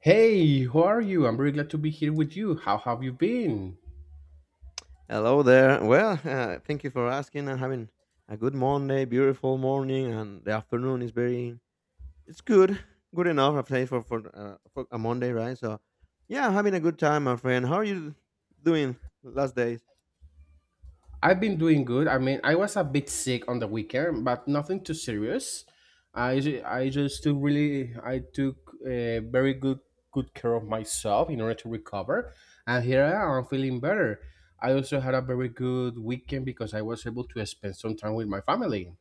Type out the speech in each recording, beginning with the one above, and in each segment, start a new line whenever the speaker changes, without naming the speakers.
Hey, how are you? I'm really glad to be here with you. How have you been?
Hello there. Well, thank you for asking. I'm having a good Monday, beautiful morning, and the afternoon is very. It's good, good enough. I've say for a Monday, right? So yeah, I'm having a good time, my friend. How are you doing last days?
I've been doing good. I mean, I was a bit sick on the weekend, but nothing too serious. I just took really I took very good care of myself in order to recover, and here I am. I'm feeling better. I also had a very good weekend because I was able to spend some time with my family.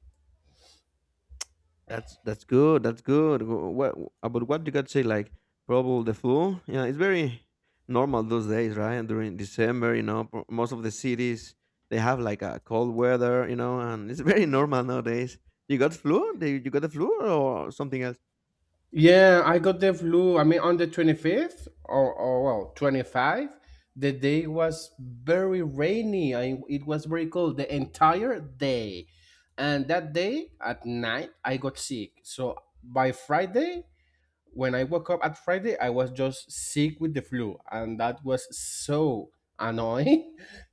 That's good. That's good. What about what you got to say? Like probably the flu. Yeah, it's very normal those days, right? During December, you know, most of the cities they have like a cold weather, and it's very normal nowadays. You got flu? You got the flu or something else?
Yeah, I got the flu. I mean, on the 25th or well, 25, the day was very rainy. It was very cold the entire day. And that day at night, I got sick. So by Friday, when I woke up at Friday, I was just sick with the flu. And that was so annoying.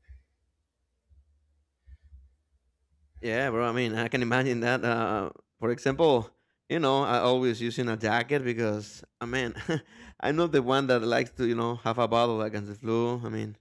Yeah, bro. I mean, I can imagine that. For example, you know, I always using a jacket because, I mean, I'm not the one that likes to, you know, have a battle against the flu. I mean,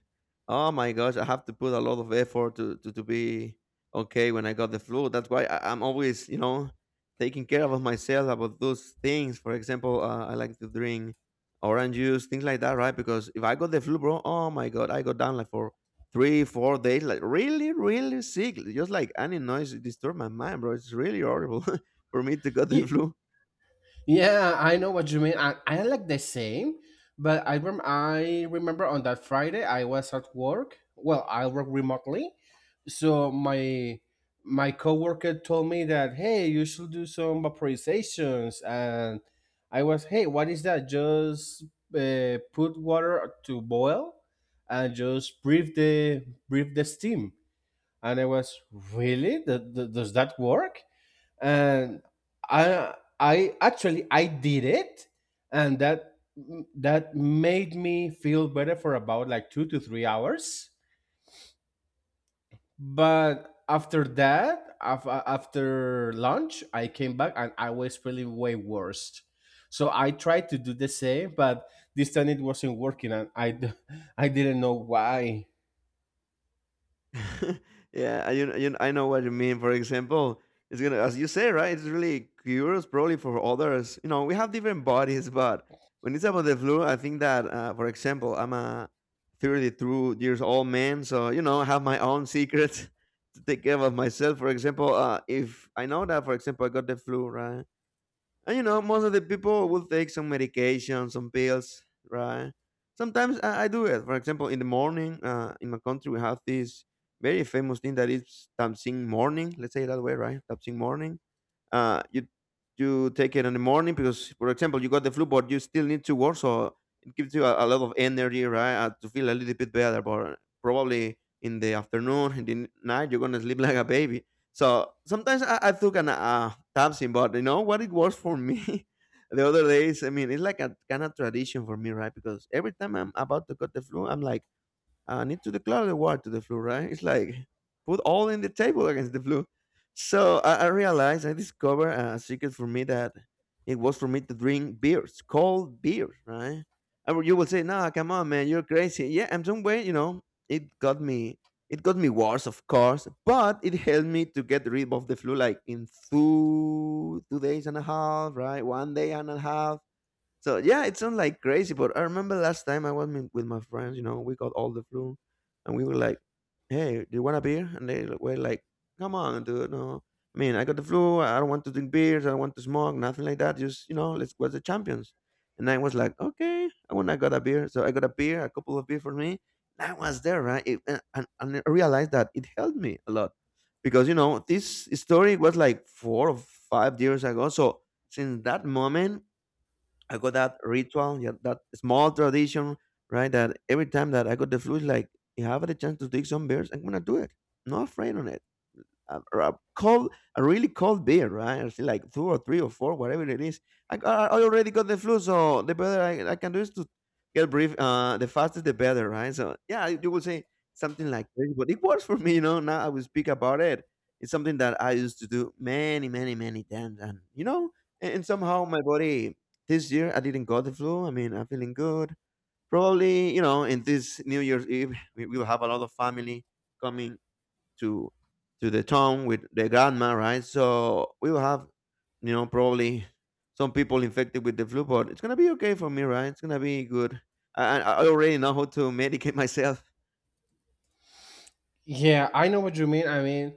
oh my gosh, I have to put a lot of effort to be okay when I got the flu. That's why I'm always, you know, taking care of myself about those things. For example, I like to drink orange juice, things like that, right? Because if I got the flu, bro, oh my god, I got down like for three, 4 days, like really, really sick. Just like any noise disturb my mind, bro. It's really horrible for me to get the
Yeah,
flu.
Yeah, I know what you mean. I like the same, but I remember on that Friday I was at work. Well, I work remotely, so my coworker told me that hey, you should do some vaporizations, and I was hey, what is that? Just put water to boil and just breathe the steam, and I was really does that work? And I I actually I did it, and that made me feel better for about like 2 to 3 hours. But after that, after lunch, I came back and I was feeling way worse. So I tried to do the same, but this time it wasn't working, and I didn't know why.
yeah, I, you, know- I know what you mean. For example, it's gonna, as you say, right? It's really curious, probably for others. You know, we have different bodies, but when it's about the flu, I think that, for example, I'm a 32 years old man, so you know, I have my own secrets to take care of myself. For example, if I know that, for example, I got the flu, right? And you know, most of the people will take some medication, some pills, right? Sometimes I do it. For example, in the morning, in my country, we have this very famous thing that is Tamsing morning. Let's say it that way, right? Tamsing morning uh, you take it in the morning because, for example, you got the flu, but you still need to work, so it gives you a lot of energy, right, to feel a little bit better. But probably in the afternoon, in the night, you're gonna sleep like a baby. So sometimes I took an Tapsin, but you know what it works for me. the other days, I mean, it's like a kind of tradition for me, right? Because every time I'm about to cut the flu, I'm like I need to declare the war to the flu, right? It's like put all in the table against the flu. So I discovered a secret for me that it was for me to drink beers, cold beer, right? And you will say, "Nah, come on, man, you're crazy." Yeah, I'm some way, you know. It got me. It got me worse, of course, but it helped me to get rid of the flu, like in two days and a half, right? 1 day and a half, so yeah, it sounds like crazy, but I remember last time I was with my friends. You know, we got all the flu, and we were like, "Hey, do you want a beer?" And they were like, "Come on, dude, no." I mean, I got the flu. I don't want to drink beers. I don't want to smoke. Nothing like that. Just you know, let's watch the champions. And I was like, "Okay." I went. I got a beer. So I got a beer, a couple of beer for me. And I was there, right? It, and I realized that it helped me a lot because you know this story was like 4 or 5 years ago. So since that moment I got that ritual, yeah, that small tradition, right? That every time that I got the flu, it's like, if I have the chance to take some beers, I'm gonna do it. Not afraid on it, a cold, a really cold beer, right? Or something like two or three or four, whatever it is. I already got the flu, so the better I can do is to get brief. The faster the better, right? So yeah, you will say something like this, but it works for me, you know. Now I will speak about it. It's something that I used to do many, many, many times, and you know, and somehow my body this year I didn't got the flu. I mean, I'm feeling good. Probably, you know, in this New Year's Eve, we will have a lot of family coming to to the town with the grandma, right? So we will have, you know, probably some people infected with the flu, but it's gonna be okay for me, right? It's gonna be good. I already know how to medicate myself.
Yeah, I know what you mean. I mean,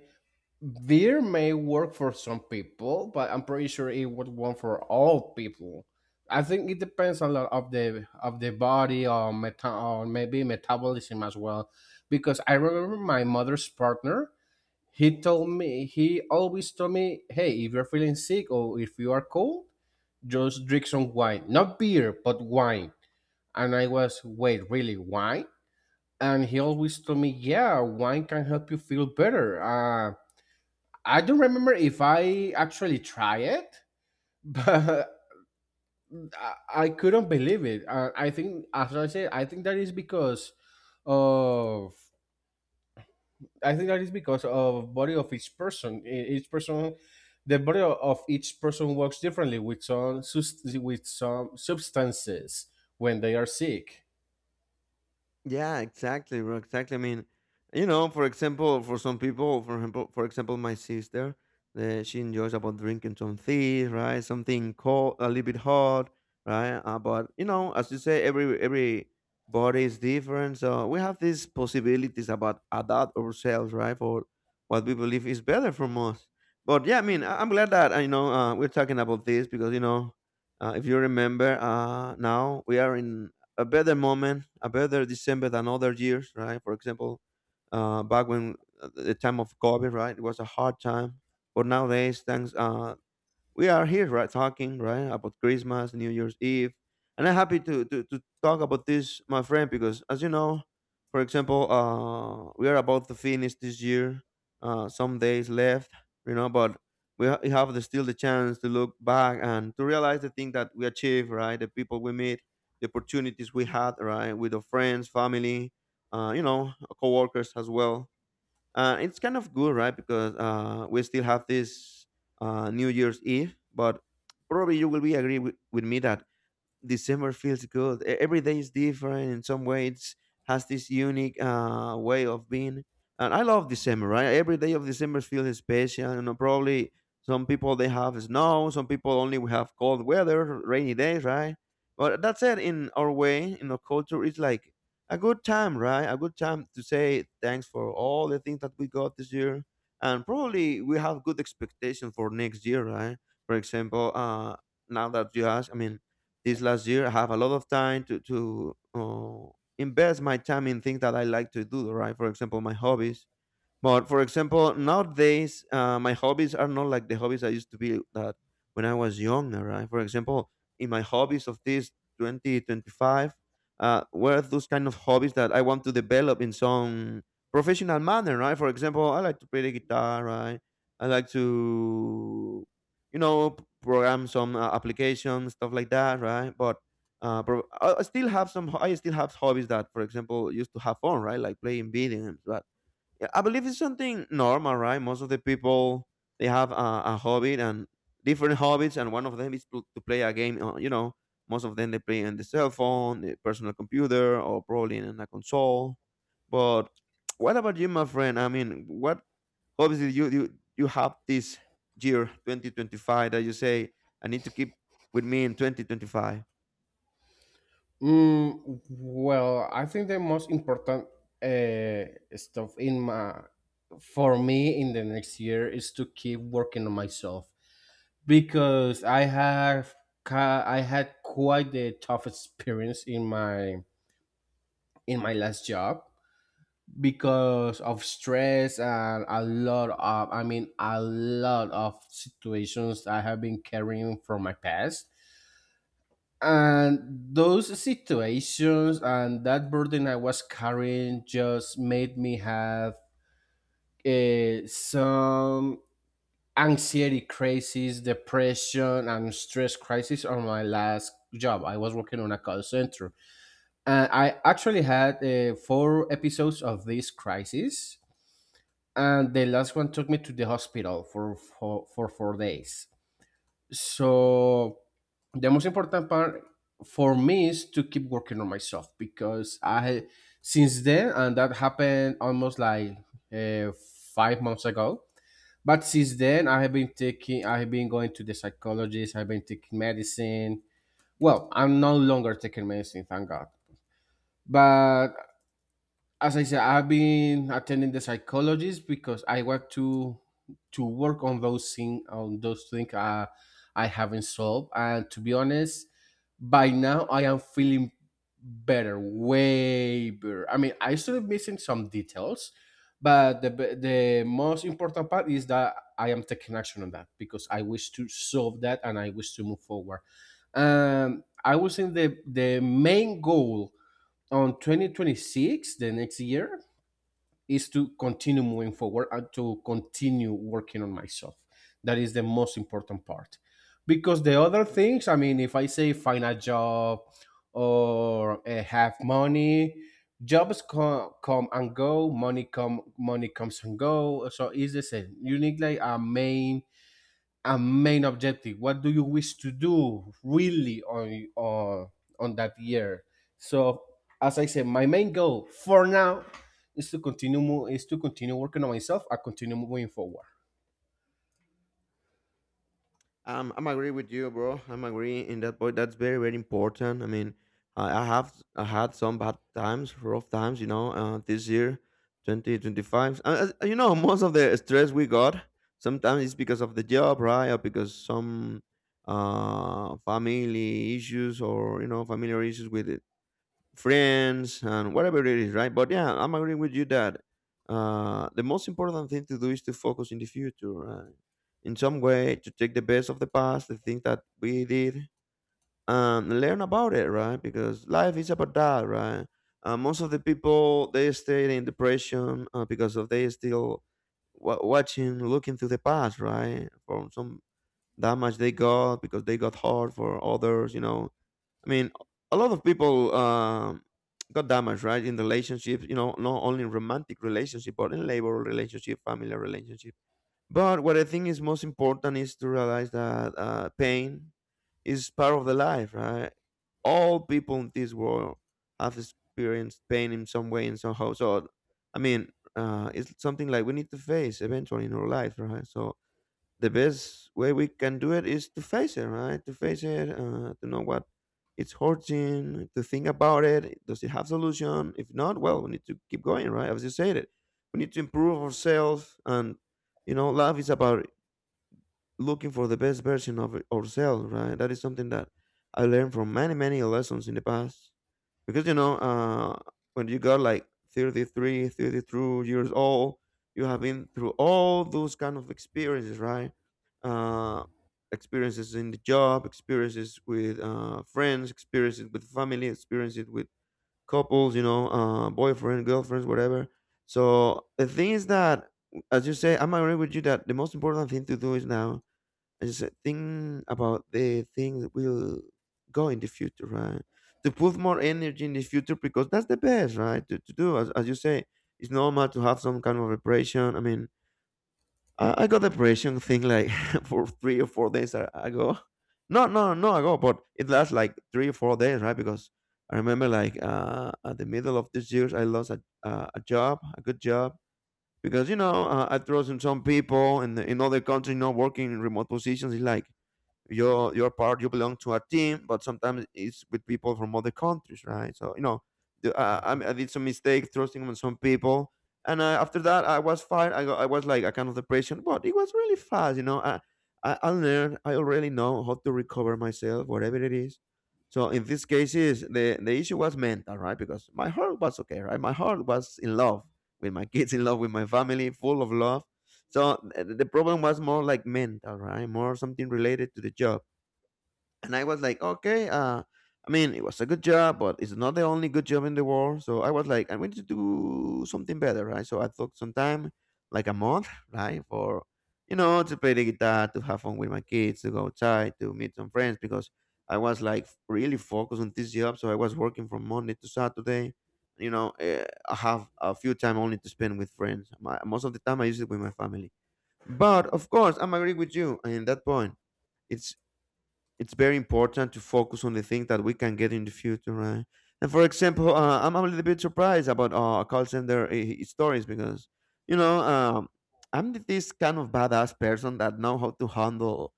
beer may work for some people, but I'm pretty sure it would work for all people. I think it depends a lot of the body or meta or maybe metabolism as well, because I remember my mother's partner. He always told me, "Hey, if you're feeling sick or if you are cold, just drink some wine, not beer, but wine." And I was, "Wait, really, wine?" And he always told me, "Yeah, wine can help you feel better." I don't remember if I actually try it, but I couldn't believe it. I think, as I said, of I think that is because of body of each person. Each person, the body of each person works differently with with some substances when they are sick.
Yeah, exactly, bro. Exactly. I mean, you know, for example, for some people, for example, my sister, she enjoys about drinking some tea, right? Something cold, a little bit hot, right? But you know, as you say, every body is different, so we have these possibilities about adapt ourselves, right? For what we believe is better from us. But yeah, I mean, I'm glad that you know we're talking about this because you know, if you remember, now we are in a better moment, a better December than other years, right? For example, back when the time of COVID, right, it was a hard time. But nowadays, thanks we are here, right, talking, right, about Christmas, New Year's Eve, and I'm happy to talk about this, my friend, because as you know, for example, we are about to finish this year, some days left, you know, but we have the, still the chance to look back and to realize the thing that we achieved, right, the people we meet, the opportunities we had, right, with our friends, family, you know, coworkers as well, it's kind of good, right? Because we still have this New Year's Eve, but probably you will be agree with me that December feels good. Every day is different in some way. It's has this unique way of being, and I love December. Right, every day of December feels special. You know, probably some people they have snow, some people only we have cold weather, rainy days, right? But that's it. In our way, in our culture, it's like a good time, right? A good time to say thanks for all the things that we got this year, and probably we have good expectation for next year, right? For example, now that you ask, I mean, this last year I have a lot of time to invest my time in things that I like to do, right? For example, my hobbies. But for example, nowadays my hobbies are not like the hobbies I used to be that when I was younger, right? For example, in my hobbies of this 2025, were those kind of hobbies that I want to develop in some professional manner, right? For example, I like to play the guitar, right? I like to, you know, program some applications, stuff like that, right? But I still have some. I still have hobbies that, for example, used to have fun, right? Like playing video games, right? Yeah, I believe it's something normal, right? Most of the people they have a hobby and different hobbies, and one of them is to play a game. You know, most of them they play on the cell phone, the personal computer, or probably in a console. But what about you, my friend? I mean, what hobbies did you have this year, 2025, that you say I need to keep with me in 2025?
Mm, well, I think the most important uh, stuff in my for me in the next year is to keep working on myself because I had quite the tough experience in my last job because of stress and a lot of I mean a lot of situations I have been carrying from my past, and those situations and that burden I was carrying just made me have some anxiety crisis, depression, and stress crisis. On my last job, I was working on a call center, and I actually had four episodes of this crisis, and the last one took me to the hospital for for 4 days. So the most important part for me is to keep working on myself because I since then, and that happened almost like uh, 5 months ago. But since then, I have been I have been going to the psychologist. I've been taking medicine. Well, I'm no longer taking medicine, thank God. But as I said, I've been attending the psychologist because I want to work on those things, I haven't solved. And to be honest, by now I am feeling better, way better. I mean, I still missing some details, but the most important part is that I am taking action on that because I wish to solve that and I wish to move forward. I was in the main goal on 2026, the next year, is to continue moving forward and to continue working on myself. That is the most important part because the other things, I mean, if I say find a job or have money, jobs come and go, money come money comes and go. So it's the same. You need like a main objective. What do you wish to do really on that year? So as I said, my main goal for now is to continue mo- is to continue working on myself. I continue moving forward.
I'm agree with you, bro. I'm agree in that point. That's very, very important. I mean, I had some bad times, rough times, you know, this year, 2025. You know, most of the stress we got sometimes it's because of the job, right? Or because some family issues or, you know, familiar issues with friends and whatever it is, right? But yeah, I'm agreeing with you that the most important thing to do is to focus in the future, right? In some way, to take the best of the past, the things that we did, and learn about it, right? Because life is about that, right? Most of the people they stay in depression because of they still watching, looking to the past, right? For some damage they got because they got hurt for others, I mean, a lot of people got damaged, right? In relationships, not only in romantic relationship, but in labor relationship, family relationship. But what I think is most important is to realize that pain is part of the life, right? All people in this world have experienced pain in some way and somehow. So, I mean, it's something like we need to face eventually in our life, right? So, the best way we can do it is to face it, right? To face it, to know what it's hurting, to think about it. Does it have solution? If not, well, we need to keep going, right? As you said it, we need to improve ourselves, and life is about looking for the best version of ourselves, right? That is something that I learned from many, many lessons in the past because when you got like 33, 32 years old, you have been through all those kind of experiences, right. uh, Experiences in the job, experiences with friends, experiences with family, experiences with couples, boyfriend, girlfriends, whatever. So the thing is that, as you say, I'm agree with you that the most important thing to do is now, is a thing about the things that will go in the future, right? To put more energy in the future because that's the best, right? To do, as you say, it's normal to have some kind of depression. I mean, I got depression thing like for 3 or 4 days ago. No, no, no ago, but it lasts like 3 or 4 days, right? Because I remember like at the middle of this year, I lost a job, a good job. Because, I trust in some people and in other countries, not working in remote positions. It's like, you're part, you belong to a team, but sometimes it's with people from other countries, right? So you know
Mhm.
I did some mistake trusting on some people, and after that I was fine. I was like a kind of depression, but it was really fast, you know. I learned, I already know how to recover myself, whatever it is. So in these cases the issue was mental, right? Because my heart was okay, right? My heart was in love with my kids, in love with my family, full of love. So the problem was more like mental, right? More something related to the job. And I was like, okay, I mean, it was a good job, but it's not the only good job in the world. So I was like, I'm going to do something better, right? So I took some time, like a month, right? For, to play the guitar, to have fun with my kids, to go outside, to meet some friends, because I was like really focused on this job. So I was working from Monday to Saturday. You know, I have a few time only to spend with friends. Most of the time I use it with my family. But of course, I'm agree with you in that point. It's it's very important to focus on the things that we can get in the future, right? And for example, I'm a little bit surprised about call center stories, because you know um, I'm this kind of badass person that know how to handle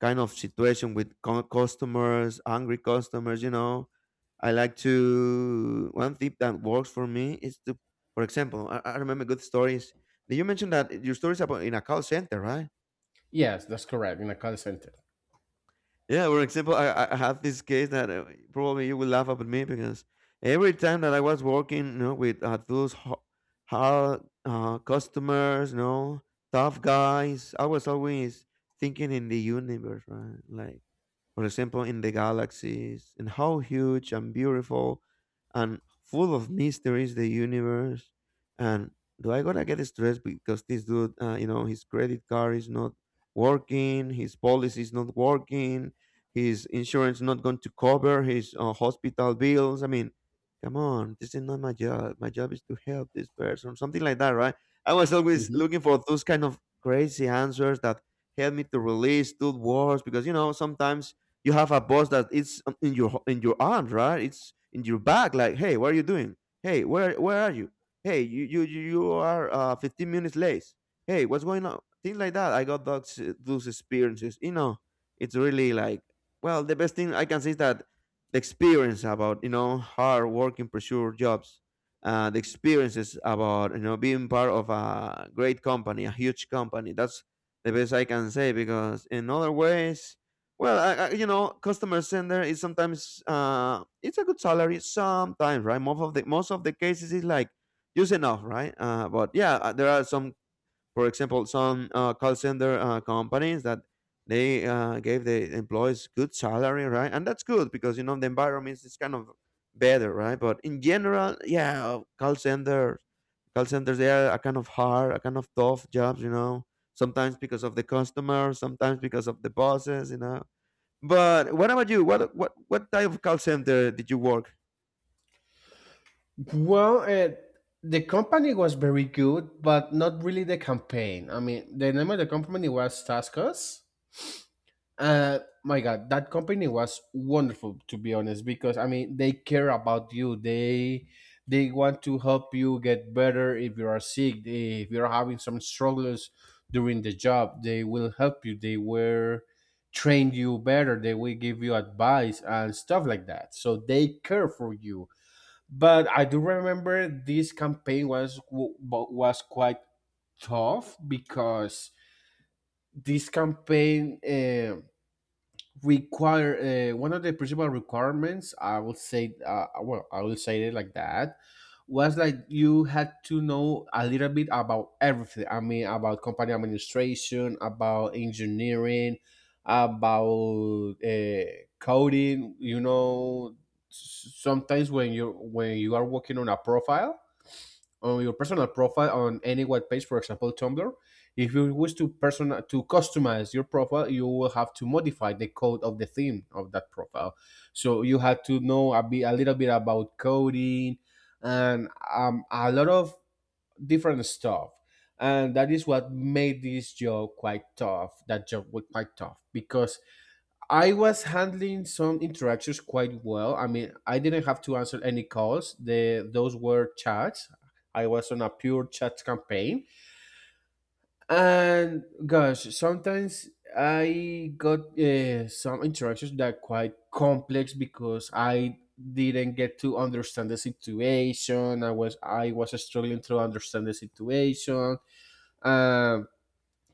kind of situation with customers, angry customers. You know, I like to one thing that works for me is to, for example, I remember good stories. Did you mention that your stories about in a call center, right?
Yes, that's correct, in a call center.
Yeah, for example, I have this case that probably you will laugh up at me because every time that I was working, with those hard customers, tough guys, I was always thinking in the universe, right? Like, for example, in the galaxies, and how huge and beautiful and full of mysteries the universe. And do I gotta get stressed because this dude, his credit card is not working, his policy is not working, his insurance not going to cover his hospital bills? I mean, come on, this is not my job. My job is to help this person, something like that, right? I was always
Mhm.
looking for those kind of crazy answers that help me to release those words because sometimes you have a boss that it's in your arms, right? It's in your back. Like, hey, what are you doing? Hey, where are you? Hey, you are 15 minutes late. Hey, what's going on? Things like that. I got those experiences. You know, it's really like, well, the best thing I can say is that the experience about hard working pursuit jobs, the experiences about being part of a great company, a huge company. That's the best I can say because in other ways, well, I, customer center is sometimes it's a good salary sometimes, right? Most of the cases is like just enough, right? But yeah, there are some, for example, some call center companies that they gave the employees good salary, right? And that's good because the environment is kind of better, right? But in general, yeah, call centers they are a kind of hard, a kind of tough jobs, you know. Sometimes because of the customer, sometimes because of the bosses, but what about you? What type of call center did you work?
Well, the company was very good, but not really the campaign. I mean, the name of the company was Taskus. My God, that company was wonderful, to be honest, because I mean they care about you. They want to help you get better if you are sick. If you're having some struggles during the job, they will help you. They will train you better. They will give you advice and stuff like that. So they care for you. But I do remember this campaign was quite tough because this campaign require, one of the principal requirements, I would say, well I will say it like that was like you had to know a little bit about everything. I mean about company administration, about engineering, about coding, you know. Sometimes when you are working on a profile, on your personal profile on any web page, for example, Tumblr. If you wish to person to customize your profile, you will have to modify the code of the theme of that profile. So you had to know a little bit about coding and a lot of different stuff. And that is what made this job quite tough. That job was quite tough because I was handling some interactions quite well. I mean, I didn't have to answer any calls. The Those were chats. I was on a pure chat campaign, and gosh, sometimes I got some interactions that quite complex because I didn't get to understand the situation. I was struggling to understand the situation. Um,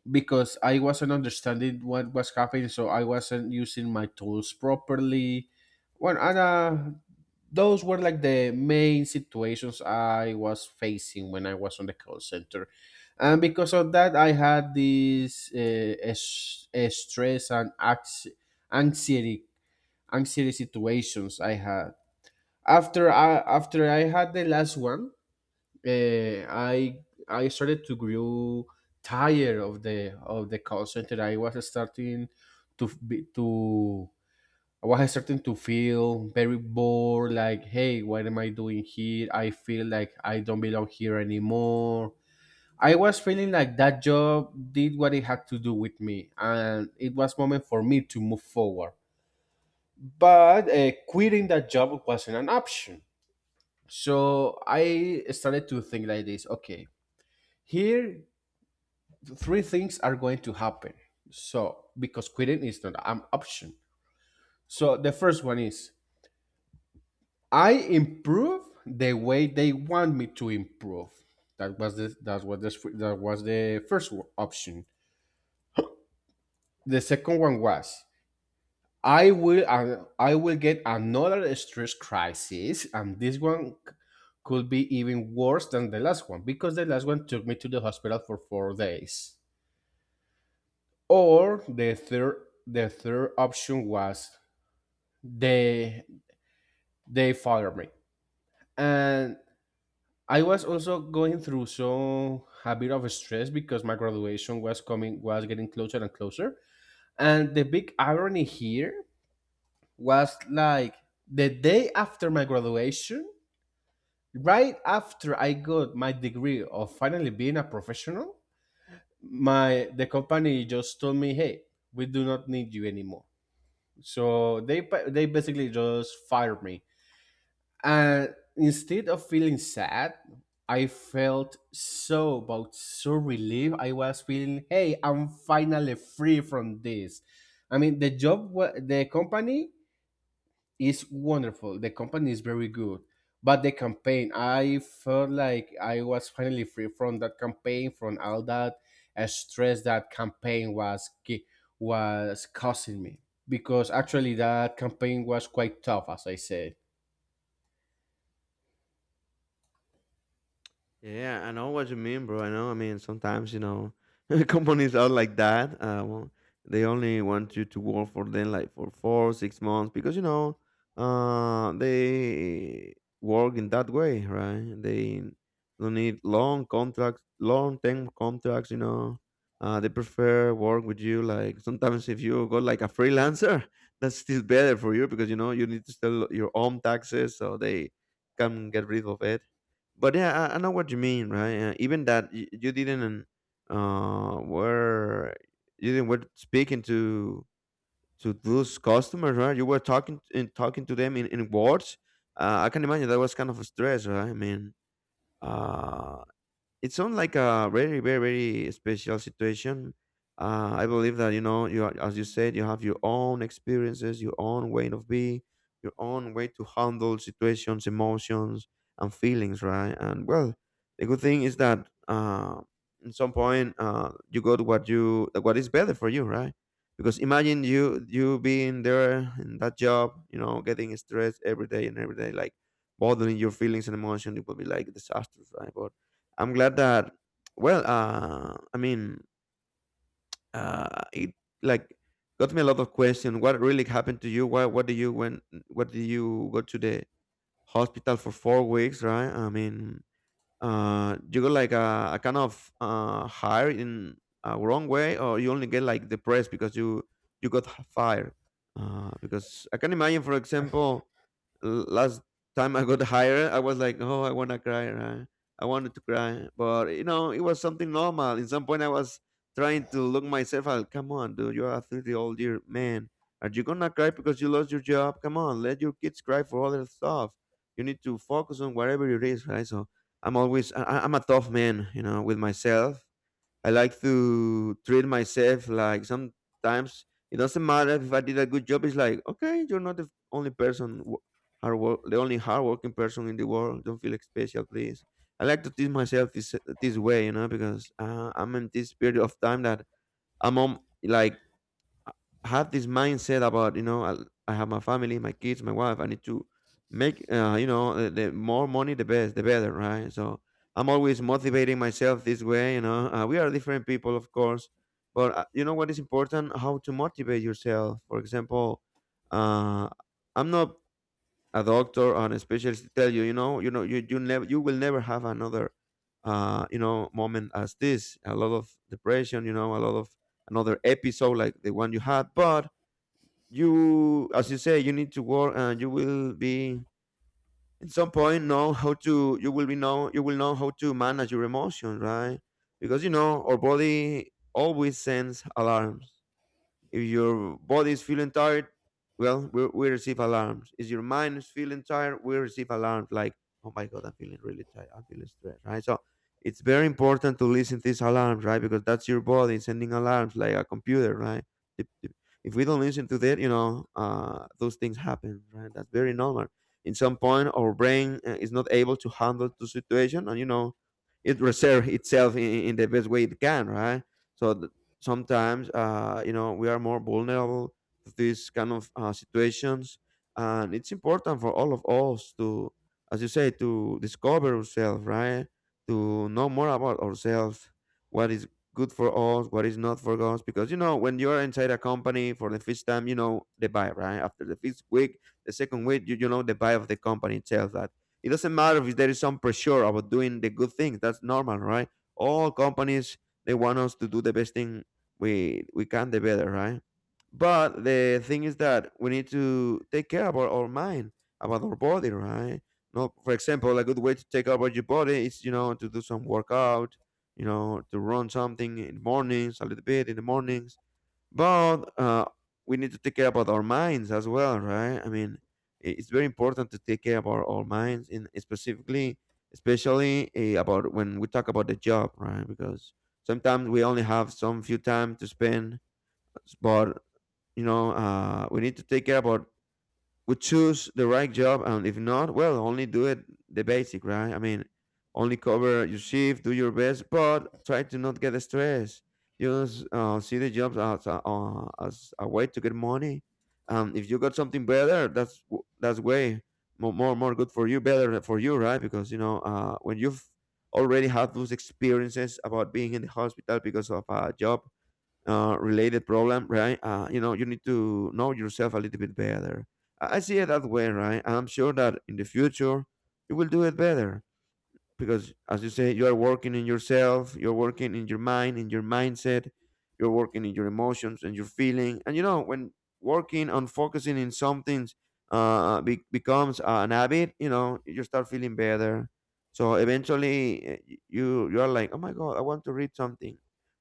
because I wasn't understanding what was happening, so I wasn't using my tools properly. Well, and those were like the main situations I was facing when I was on the call center, and because of that, I had this stress and anxiety anxiety situations. I had after I had the last one, I started to grow tired of the call center. I was starting to f- be, to I was starting to feel very bored. Like, hey, what am I doing here? I feel like I don't belong here anymore. I was feeling like that job did what it had to do with me, and it was moment for me to move forward. But quitting that job wasn't an option. So I started to think like this: Okay, here three things are going to happen. So, because quitting is not an option. So, the first one is I improve the way they want me to improve. That was the first option. The second one was I will I will get another stress crisis, and this one could be even worse than the last one because the last one took me to the hospital for 4 days. Or the third option was they they fathered me, and I was also going through some a bit of stress because my graduation was coming, was getting closer and closer. And the big irony here was like the day after my graduation, right after I got my degree of finally being a professional, my the company just told me, hey, we do not need you anymore. So they they basically just fired me. And instead of feeling sad, I felt so about so relieved. I was feeling, hey, I'm finally free from this. I mean, the company is wonderful. The company is very good, but the campaign, I felt like I was finally free from that campaign, from all that stress that campaign was was causing me. Because actually, that campaign was quite tough, as I said.
Yeah, I know what you mean, bro. I know. I mean, sometimes, companies are like that. Well, they only want you to work for them like for 4, 6 months because, they work in that way, right? They don't need long contracts, long term contracts. They prefer work with you. Like sometimes if you go like a freelancer, that's still better for you because, you need to sell your own taxes so they can get rid of it. But yeah, I know what you mean, right? Even that you, didn't were you didn't were speaking to those customers, right? You were talking and talking to them in words. I can imagine that was kind of a stress, right? I mean, uh it sounds like a very, very, very special situation. I believe that, you as you said, you have your own experiences, your own way of being, your own way to handle situations, emotions, and feelings, right? And well, the good thing is that at some point you got what is better for you, right? Because imagine you being there in that job, getting stressed every day and every day, like bottling your feelings and emotion, it would be like disastrous, right? But I'm glad that, well, I mean, it like got me a lot of questions. What really happened to you? What do you when what do you go to the hospital for 4 weeks, right? I mean, you got like a kind of hired in a wrong way, or you only get like depressed because you got fired, because I can imagine, for example, last time I got hired, I was like, oh, I want to cry, right? I wanted to cry, but it was something normal. In some point, I was trying to look myself out. Come on, dude, you're a 30-year-old year man. Are you gonna cry because you lost your job? Come on, let your kids cry for other stuff. You need to focus on whatever it is, right? So I'm always I'm a tough man, with myself. I like to treat myself like sometimes it doesn't matter if I did a good job. It's like, okay, you're not the only person the only hardworking person in the world. Don't feel special, please. I like to treat myself this way, because I'm in this period of time that I'm on like I have this mindset about I have my family, my kids, my wife. I need to make you know the more money, the best, the better, right? So I'm always motivating myself this way. You know, we are different people, of course, but you know what is important? How to motivate yourself. For example, uh, I'm not a doctor or a specialist to tell you, you never, you will never have another, moment as this. A lot of depression, a lot of another episode like the one you had, but you, as you say, you need to work and you will be at some point know how to, you will be know, you will know how to manage your emotions, right? Because you know our body always sends alarms. If your body is feeling tired, well, we receive alarms. If your mind is feeling tired, we receive alarms like, oh my God, I'm feeling really tired. I'm feeling stressed, right? So it's very important to listen to these alarms, right? Because that's your body sending alarms like a computer, right? If if we don't listen to that, those things happen, right? That's very normal. In some point, our brain is not able to handle the situation, and you know, it reserve itself in the best way it can, right? So th- Sometimes you know we are more vulnerable to these kind of situations, and it's important for all of us to, as you say, to discover ourselves, right? To know more about ourselves, what is good for us, what is not for us. Because you know when you're inside a company for the first time, you know the vibe right after the first week, the second week, you know the vibe of the company itself, that it doesn't matter if there is some pressure about doing the good things. That's normal, right? All companies, they want us to do the best thing we can, the better, right? But the thing is that we need to take care about our mind, about our body, right? No, for example, a good way to take care about your body is, you know, to do some workout, you know, to run something in the mornings, a little bit in the mornings, but we need to take care about our minds as well, right? I mean, it's very important to take care about our minds, in specifically, especially about when we talk about the job, right? Because sometimes we only have some few time to spend, but you know, we need to take care about, would choose the right job, and if not, well, only do it the basic, right? I mean, only cover your shift, do your best, but try to not get stressed. Just see the jobs as a way to get money. If you got something better, that's way more good for you, better for you, right? Because you know when you've already had those experiences about being in the hospital because of a job related problem, right? You know, you need to know yourself a little bit better. I see it that way, right? I'm sure that in the future you will do it better, because as you say, you are working in yourself, you're working in your mind, in your mindset, you're working in your emotions and your feeling. And you know when working on focusing in something, becomes an habit, you know, you start feeling better. So eventually you are like, oh my god, I want to read something,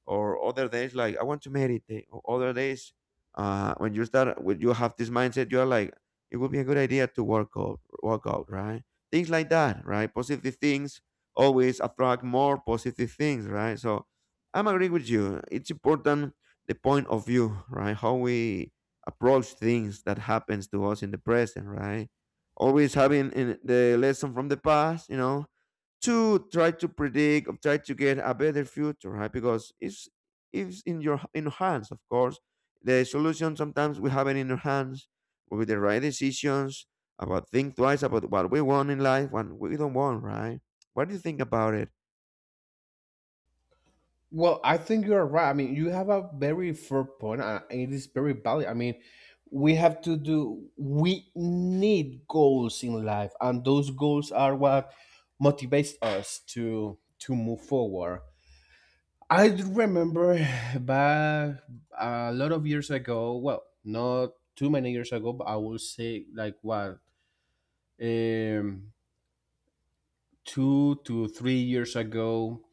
or other days like, I want to meditate, or other days, when you start, when you have this mindset, you're like, it would be a good idea to work out, work out, right? Things like that, right? Positive things always attract more positive things, right? So I'm agree with you. It's important, the point of view, right? How we approach things that happens to us in the present, right? Always having in the lesson from the past, you know, to try to predict or try to get a better future, right? Because it's in your, in your hands, of course. The solution sometimes we have it in our hands, with the right decisions, about think twice about what we want in life and we don't want, right? What do you think about it?
Well, I think you are right. I mean, you have a very fair point, and it is very valid. I mean, we have to do, we need goals in life, and those goals are what motivates us to move forward. I do remember back a lot of years ago. Well, not too many years ago, but I will say like what um, 2 to 3 years ago,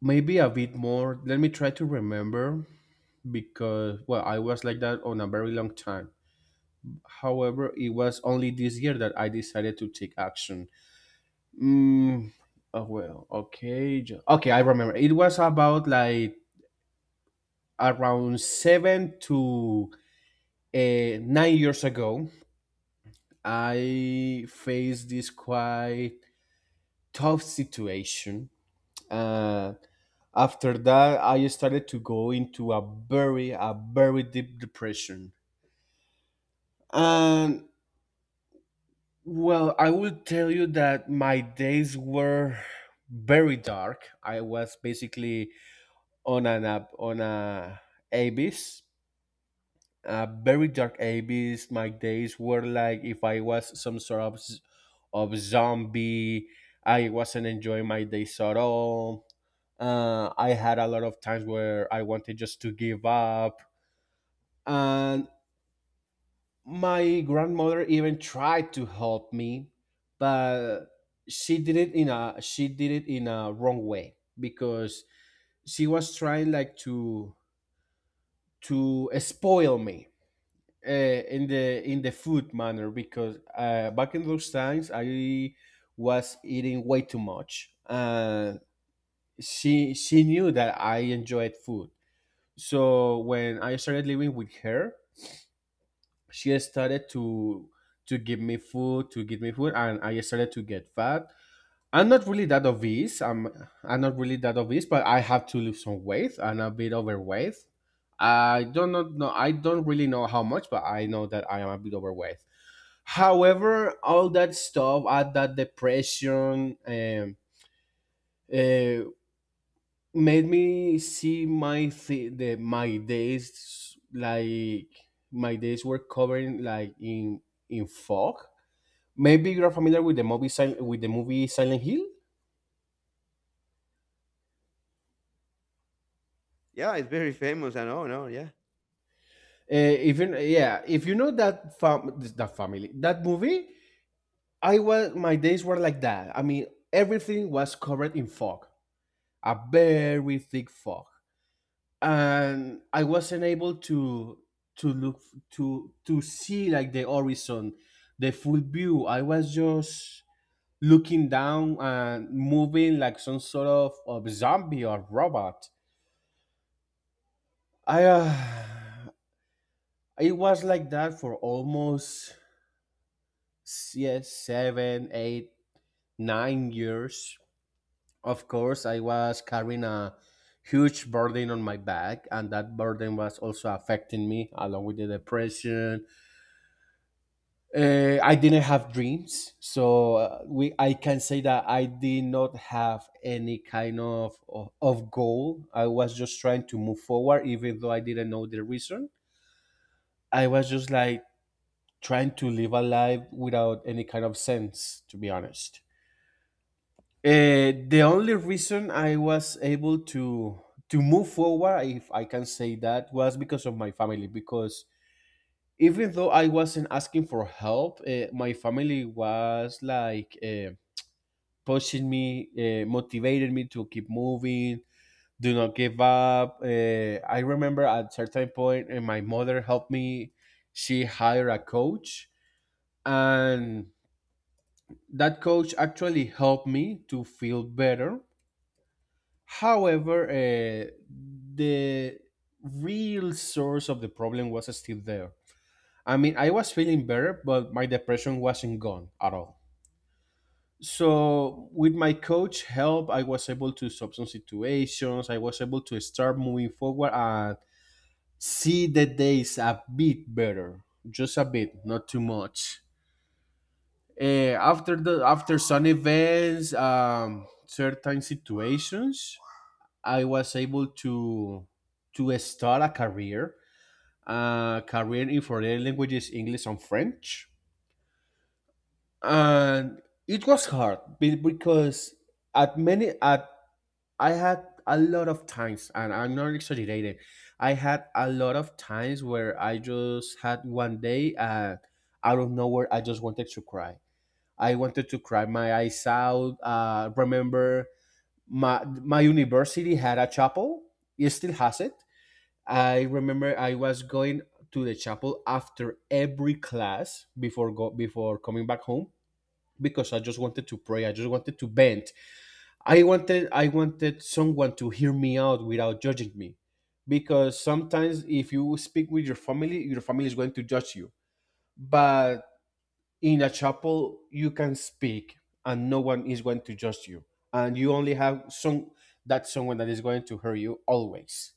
maybe a bit more. Let me try to remember because, well, I was like that on a very long time. However, it was only this year that I decided to take action. mm, oh, well, okay, okay, I remember it was about like around seven to 9 years ago I faced this quite tough situation. uh, After that, I started to go into a very deep depression. And, well, I will tell you that my days were very dark. I was basically on a abyss, a very dark abyss. My days were like if I was some sort of of zombie. I wasn't enjoying my days at all. I had a lot of times where I wanted just to give up, and my grandmother even tried to help me, but she did it in a wrong way because she was trying like to spoil me in the food manner, because back in those times I was eating way too much. And she knew that I enjoyed food, so when I started living with her, she started to to give me food, and I started to get fat. I'm not really that obese. I'm not really that obese, but I have to lose some weight. I'm a bit overweight. I don't really know how much, but I know that I am a bit overweight. However, all that stuff, all that depression, uh, made me see my th- the my days like, my days were covered like in fog. Maybe you're familiar with the movie with the movie Silent Hill.
Yeah, it's very famous. I know, no, yeah.
If you Yeah, if you know that family that movie, I was my days were like that. I mean, everything was covered in fog, a very thick fog,
Wow.
and I wasn't able to look to see like the horizon, the full view. I was just looking down and moving like some sort of zombie or robot. I It was like that for almost, yes, seven, eight, 9 years. Of course, I was carrying a huge burden on my back, and that burden was also affecting me, along with the depression. I didn't have dreams, so we I can say that I did not have any kind of, of goal. I was just trying to move forward, even though I didn't know the reason. I was just like trying to live a life without any kind of sense, to be honest. The only reason I was able to move forward, if I can say that, was because of my family. Because even though I wasn't asking for help, my family was like, pushing me, motivated me to keep moving. Do not give up. I remember at a certain point, and my mother helped me. She hired a coach, and that coach actually helped me to feel better. However, the real source of the problem was still there. I mean, I was feeling better, but my depression wasn't gone at all. So with my coach help, I was able to solve some situations. I was able to start moving forward and see the days a bit better, just a bit, not too much. Eh, after the after some events, um, certain situations, I was able to start a career, a career in foreign languages, English and French. And it was hard because at many at I had a lot of times, and I'm not exaggerating. I had a lot of times where I just had one day, and out of nowhere, I just wanted to cry. I wanted to cry my eyes out. Remember, my university had a chapel. It still has it. I remember I was going to the chapel after every class, before coming back home, because I just wanted to pray. I just wanted to bend I wanted someone to hear me out without judging me, because sometimes if you speak with your family, your family is going to judge you. But in a chapel you can speak and no one is going to judge you, and you only have some that someone that is going to hear you always.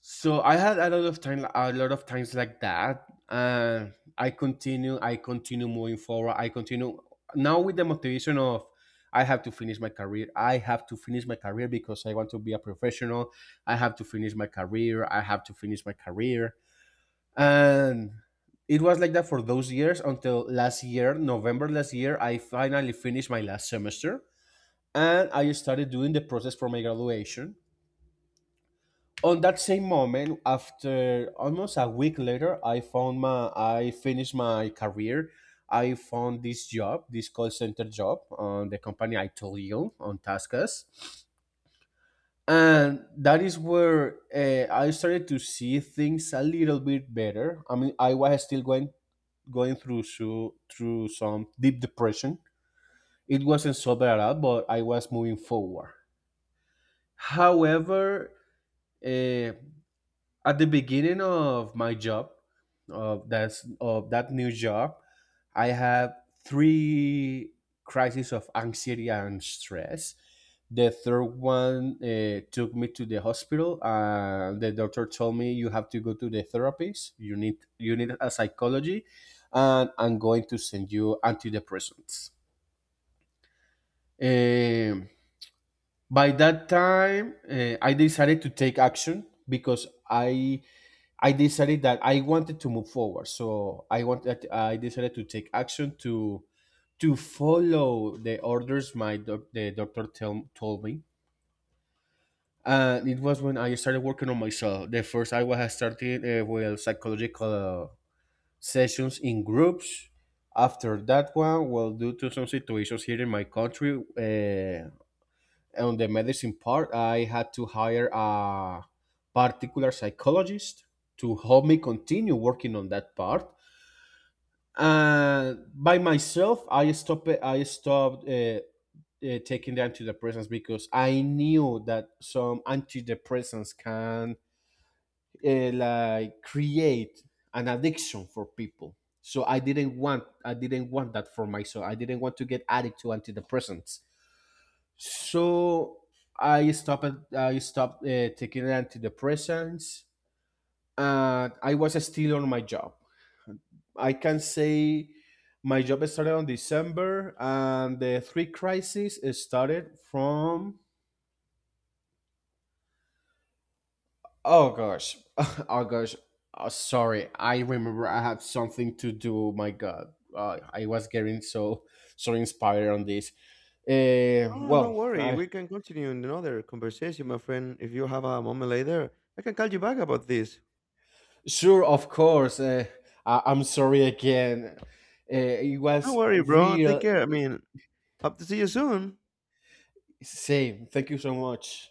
So I had a lot of time, a lot of times like that, and I continue moving forward. I continue now with the motivation of, I have to finish my career. I have to finish my career because I want to be a professional. I have to finish my career. I have to finish my career. And it was like that for those years until last year, November last year. I finally finished my last semester, and I started doing the process for my graduation. On that same moment, after almost a week later, I finished my career, I found this job, this call center job, on the company I told you, on TaskUs. And that is where, I started to see things a little bit better. I mean, I was still going through, through some deep depression. It wasn't so bad at all, but I was moving forward. However, uh, at the beginning of my job, of that new job, I have three crises of anxiety and stress. The third one, took me to the hospital, and the doctor told me, you have to go to the therapist, you need a psychology, and I'm going to send you antidepressants. um, by that time, I decided to take action because I decided that I wanted to move forward. So I decided to take action to follow the orders, the doctor told me. And it was when I started working on myself. The first I was starting with psychological sessions in groups. After that one, well, due to some situations here in my country, on the medicine part, I had to hire a particular psychologist to help me continue working on that part. And by myself, I stopped. I stopped taking the antidepressants, because I knew that some antidepressants can, like, create an addiction for people. So I didn't want that for myself. I didn't want to get addicted to antidepressants. So I stopped. I stopped taking antidepressants, and I was still on my job. I can say my job started on December, and the three crises started from, oh gosh, oh gosh, oh, sorry. I remember I had something to do. My God, I was getting so so inspired on this.
Oh, no
Well,
worry.
I
We can continue in another conversation, my friend. If you have a moment later, I can call you back about this.
Sure, of course. I'm sorry again. It
No
was
worry, bro. Take
real
care. I mean, hope to see you soon.
same. Thank you so much.